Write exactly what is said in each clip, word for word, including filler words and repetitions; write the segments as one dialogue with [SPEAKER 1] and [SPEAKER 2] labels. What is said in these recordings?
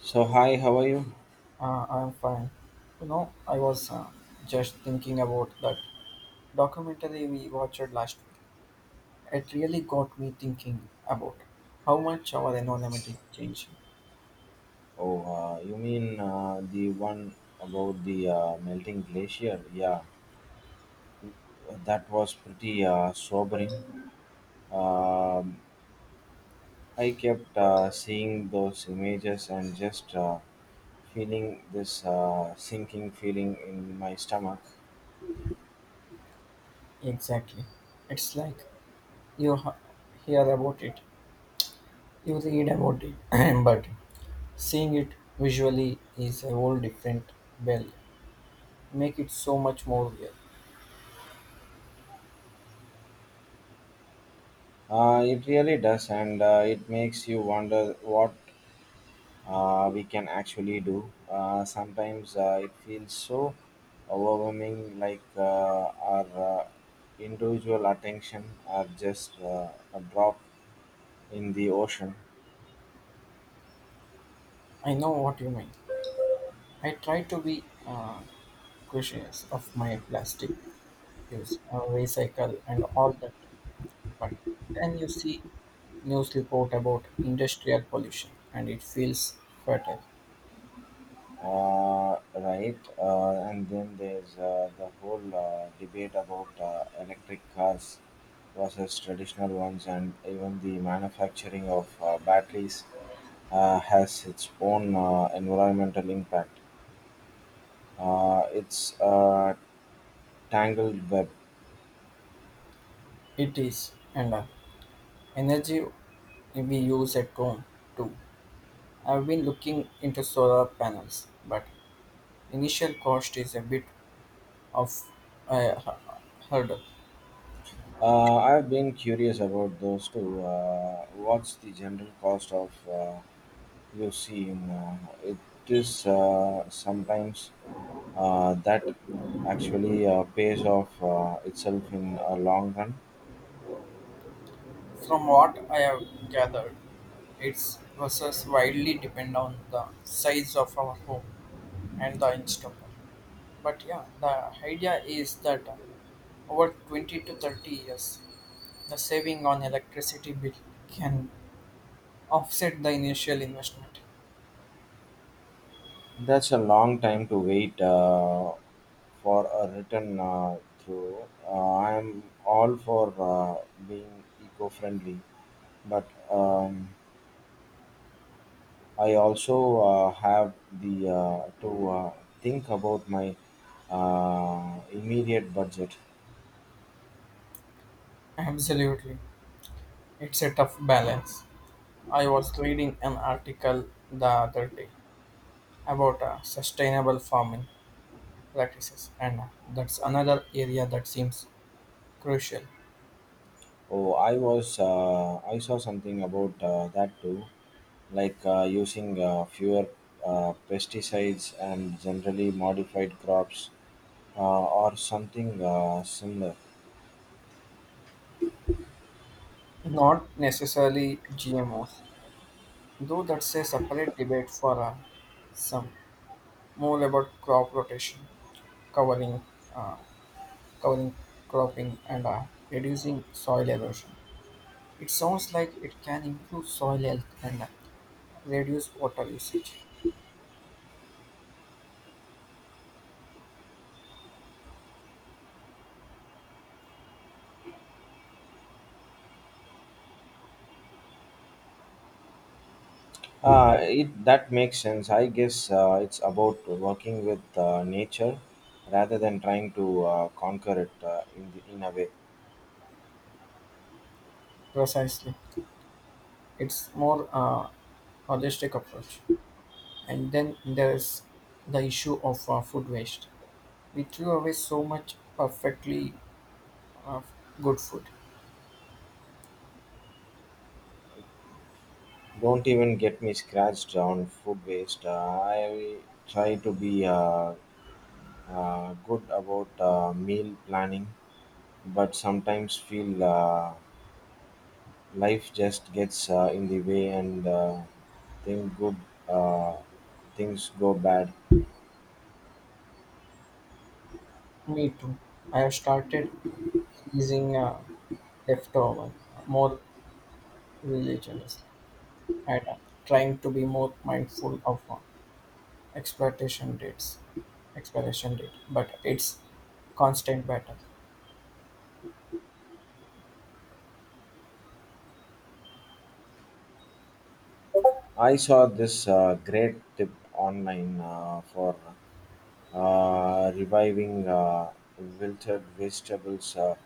[SPEAKER 1] So hi, how are you?
[SPEAKER 2] Uh, I'm fine. You know, I was uh, just thinking about that documentary we watched last week. It really got me thinking about how much our environment is changing.
[SPEAKER 1] Oh, uh, you mean uh, the one about the uh, melting glacier? Yeah, that was pretty uh, sobering. Um, I kept uh, seeing those images and just uh, feeling this uh, sinking feeling in my stomach.
[SPEAKER 2] Exactly. It's like you ha- hear about it, you read about it, but seeing it visually is a whole different bell. Make it so much more real.
[SPEAKER 1] Uh, it really does, and uh, it makes you wonder what uh, we can actually do. Uh, sometimes uh, it feels so overwhelming, like uh, our uh, individual attention are just uh, a drop in the ocean,
[SPEAKER 2] I know what you mean. I try to be uh, questions of my plastic use, uh, recycle, and all that. But then you see news report about industrial pollution, and it feels fatal.
[SPEAKER 1] uh, right? Uh, and then there's uh, the whole uh, debate about uh, electric cars versus traditional ones, and even the manufacturing of uh, batteries uh, has its own uh, environmental impact. Uh, it's uh, Tangled Web.
[SPEAKER 2] It is, and uh, energy we use at home too. I've been looking into solar panels, but initial cost is a bit of a hu- hurdle.
[SPEAKER 1] Uh, I've been curious about those too. Uh, what's the general cost of uh, you see? In uh, it is uh, sometimes uh, that actually uh, pays off uh, itself in a long run.
[SPEAKER 2] From what I have gathered, its versus widely depend on the size of our home and the install. But yeah, the idea is that over twenty to thirty years, the saving on electricity bill can offset the initial investment.
[SPEAKER 1] That's a long time to wait uh, for a return uh, through. Uh, I'm all for uh, being eco-friendly, but um, I also uh, have the uh, to uh, think about my uh, immediate budget.
[SPEAKER 2] Absolutely. It's a tough balance. I was reading an article the other day about uh, sustainable farming practices, and that's another area that seems crucial.
[SPEAKER 1] Oh, I was uh, I saw something about uh, that too, like uh, using uh, fewer uh, pesticides and generally modified crops uh, or something uh, similar.
[SPEAKER 2] Not necessarily G M Os, though that's a separate debate for uh, some more about crop rotation, covering, uh, covering cropping, and uh, reducing soil erosion. It sounds like it can improve soil health and uh, reduce water usage.
[SPEAKER 1] Uh, it that makes sense. I guess uh, it's about working with uh, nature rather than trying to uh, conquer it uh, in the, in a way.
[SPEAKER 2] Precisely, it's more uh, holistic approach. And then there's the issue of uh, food waste. We threw away so much perfectly uh, good food.
[SPEAKER 1] Don't even get me scratched on food waste. Uh, I try to be uh, uh, good about uh, meal planning, but sometimes feel uh, life just gets uh, in the way and uh, thing good uh, things go bad.
[SPEAKER 2] Me too. I have started using uh, leftover more religiously and uh, trying to be more mindful of uh, exploitation dates, expiration date. But it's constant battle.
[SPEAKER 1] I saw this uh, great tip online uh, for uh, reviving uh, wilted vegetables. Uh,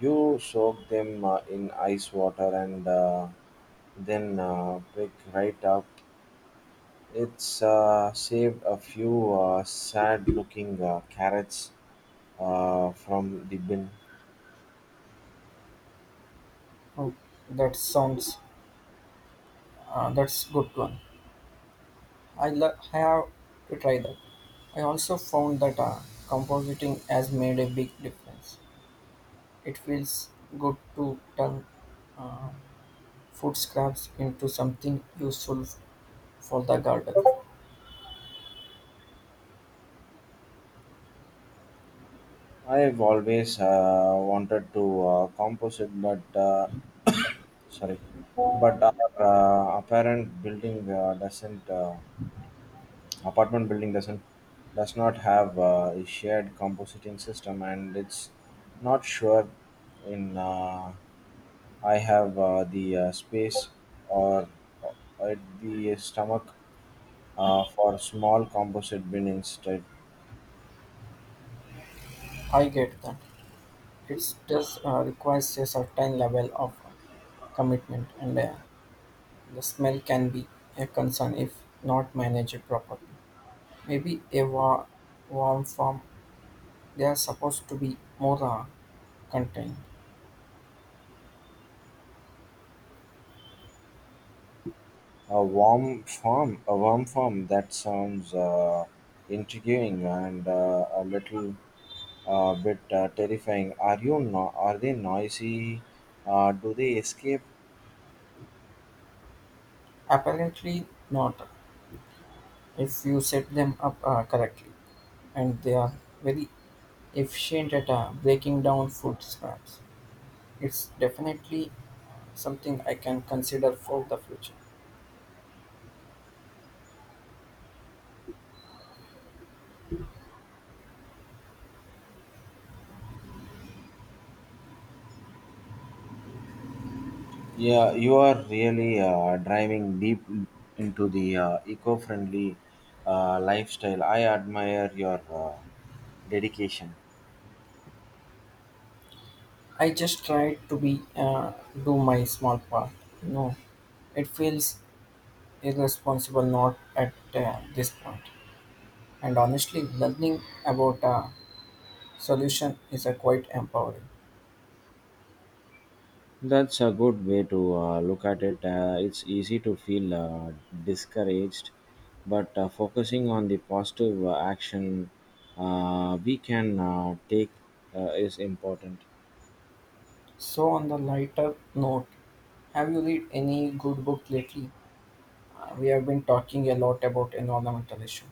[SPEAKER 1] You soak them uh, in ice water and uh, Then uh, pick right up. It's uh, saved a few uh, sad-looking uh, carrots uh, from the bin.
[SPEAKER 2] Oh, that sounds uh, that's good one. I lo- I have to try that. I also found that uh, compositing has made a big difference. It feels good to turn food scraps into something useful for the garden.
[SPEAKER 1] I've always uh, wanted to uh, compose it, but uh, sorry, but our uh, apparent building uh, doesn't uh, apartment building doesn't does not have uh, a shared compositing system, and it's not sure in uh, I have uh, the uh, space or uh, at the stomach uh, for small composite bin instead.
[SPEAKER 2] I get that. It does uh, requires a certain level of commitment, and uh, the smell can be a concern if not managed properly. Maybe a wa- warm form they are supposed to be more uh, contained.
[SPEAKER 1] A warm form, a warm form that sounds uh, intriguing and uh, a little uh, bit uh, terrifying. Are you no- Are they noisy? Uh, do they escape?
[SPEAKER 2] Apparently not. If you set them up uh, correctly, and they are very efficient at uh, breaking down food scraps. It's definitely something I can consider for the future.
[SPEAKER 1] Yeah, you are really uh, driving deep into the uh, eco-friendly uh, lifestyle. I admire your uh, dedication.
[SPEAKER 2] I just try to be uh, do my small part. No, it feels irresponsible not at uh, this point. And honestly, learning about a solution is a quite empowering.
[SPEAKER 1] That's a good way to uh, look at it. Uh, it's easy to feel uh, discouraged, but uh, focusing on the positive uh, action uh, we can uh, take uh, is important.
[SPEAKER 2] So on the lighter note, have you read any good book lately? Uh, we have been talking a lot about environmental issue.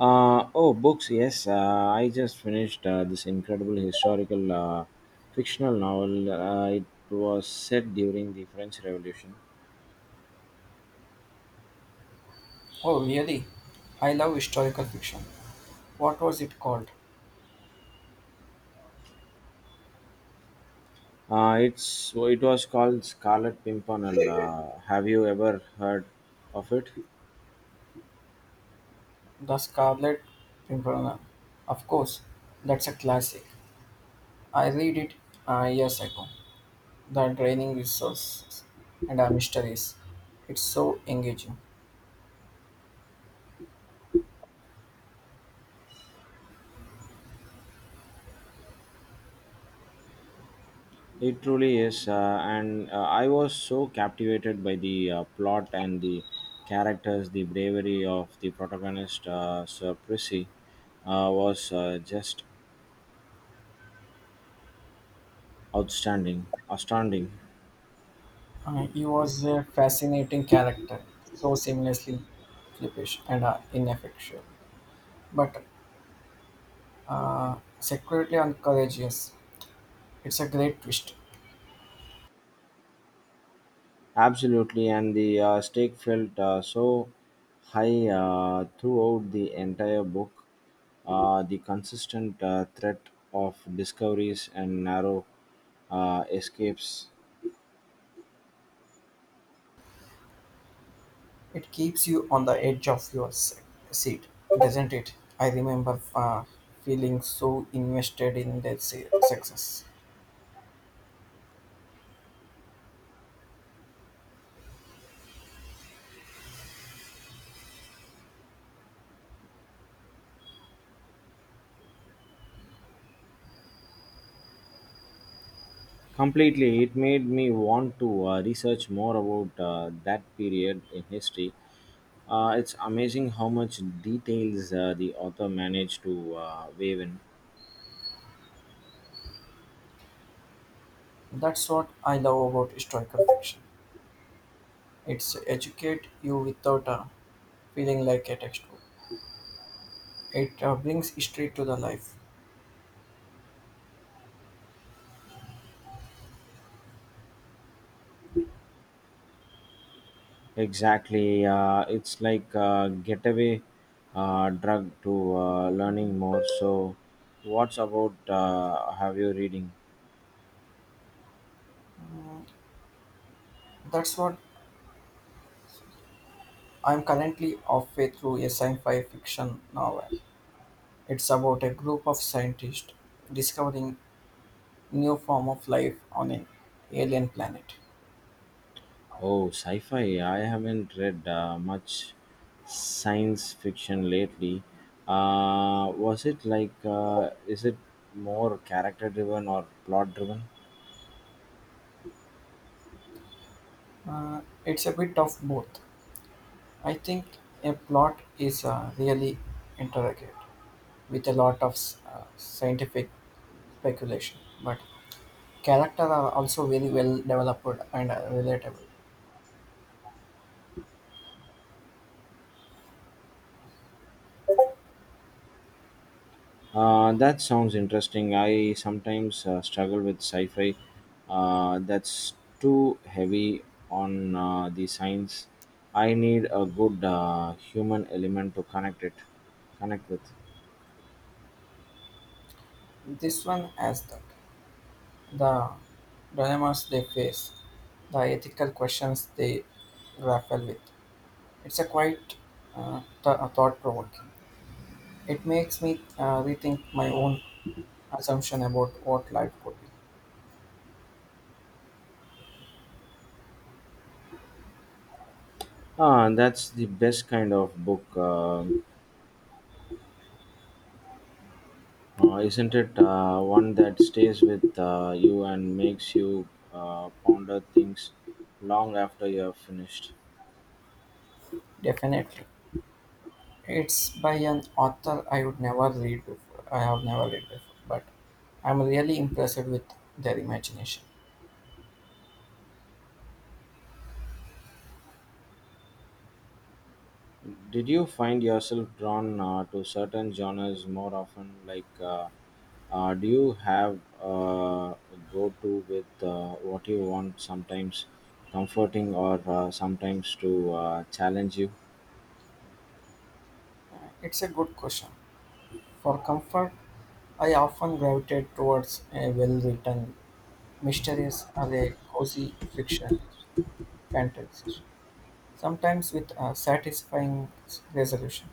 [SPEAKER 1] Uh, oh, books, yes. Uh, I just finished uh, this incredible historical uh, fictional novel. Uh, it was set during the French Revolution.
[SPEAKER 2] Oh, really? I love historical fiction. What was it called?
[SPEAKER 1] Uh, it's it was called Scarlet Pimpernel. Uh, have you ever heard of it?
[SPEAKER 2] The Scarlet Pimpernel. Of course, that's a classic. I read it uh, years ago. The draining resources and our mysteries. It's so engaging.
[SPEAKER 1] It truly is, uh, and uh, I was so captivated by the uh, plot and the characters. The bravery of the protagonist, uh, Sir Prissy, uh, was uh, just outstanding, astounding,
[SPEAKER 2] Uh, he was a fascinating character, so seamlessly flippish and uh, ineffectual, but secretly courageous. It's a great twist.
[SPEAKER 1] absolutely. And the uh, stake felt uh, so high uh, throughout the entire book. Uh, the consistent uh, threat of discoveries and narrow uh, escapes
[SPEAKER 2] It keeps you on the edge of your se- seat, doesn't it? I remember uh, feeling so invested in their se- success.
[SPEAKER 1] completely, it made me want to uh, research more about uh, that period in history. Uh, it's amazing how much details uh, the author managed to uh, weave in.
[SPEAKER 2] That's what I love about historical fiction. It's educate you without uh, feeling like a textbook. It uh, brings history to the life.
[SPEAKER 1] Exactly, uh, it's like a getaway uh, drug to uh, learning more. So, what's about uh, have you reading?
[SPEAKER 2] That's what I'm currently halfway through a sci-fi fiction novel. It's about a group of scientists discovering new form of life on an alien planet.
[SPEAKER 1] Oh, sci-fi. I haven't read uh, much science fiction lately. Uh, was it like, uh, is it more character driven or plot driven?
[SPEAKER 2] Uh, it's a bit of both. I think a plot is uh, really intricate with a lot of s- uh, scientific speculation, but characters are also very well developed and uh, relatable.
[SPEAKER 1] Uh, that sounds interesting. I sometimes uh, struggle with sci-fi uh, that's too heavy on uh, the science. I need a good uh, human element to connect it, connect with.
[SPEAKER 2] This one has that. The dilemmas they face, the ethical questions they grapple with. It's a quite uh, th- thought provoking. It makes me uh, rethink my own assumption about what life could be.
[SPEAKER 1] Ah, that's the best kind of book. Uh, Uh, isn't it uh, one that stays with uh, you and makes you uh, ponder things long after you have finished?
[SPEAKER 2] Definitely. It's by an author I would never read before. I have never read before, but I'm really impressed with their imagination.
[SPEAKER 1] Did you find yourself drawn uh, to certain genres more often? Like, uh, uh, do you have uh, a go to with uh, what you want sometimes comforting or uh, sometimes to uh, challenge you?
[SPEAKER 2] It's a good question. For comfort, I often gravitate towards a well written Mysteries are a cozy fictional fantasy, sometimes with a satisfying resolution.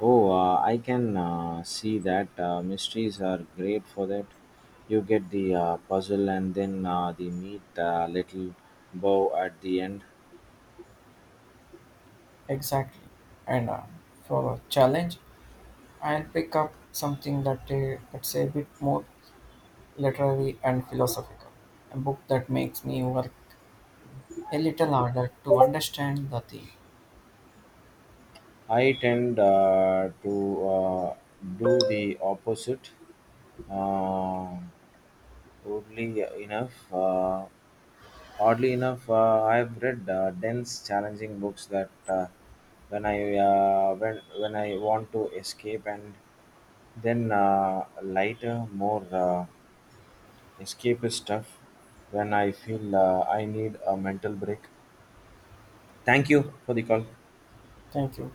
[SPEAKER 1] Oh, uh, I can uh, see that uh, mysteries are great for that. You get the uh, puzzle and then uh, the neat uh, little bow at the end.
[SPEAKER 2] Exactly. And uh, for a challenge, I'll pick up something that uh, that's a bit more literary and philosophical. A book that makes me work a little harder to understand the theme.
[SPEAKER 1] I tend uh, to uh, do the opposite. Uh, oddly enough, uh, Oddly enough, uh, I've read uh, dense, challenging books that uh, when I uh, when when I want to escape, and then uh, lighter, more uh, escapist stuff when I feel uh, I need a mental break. Thank you for the call.
[SPEAKER 2] Thank you.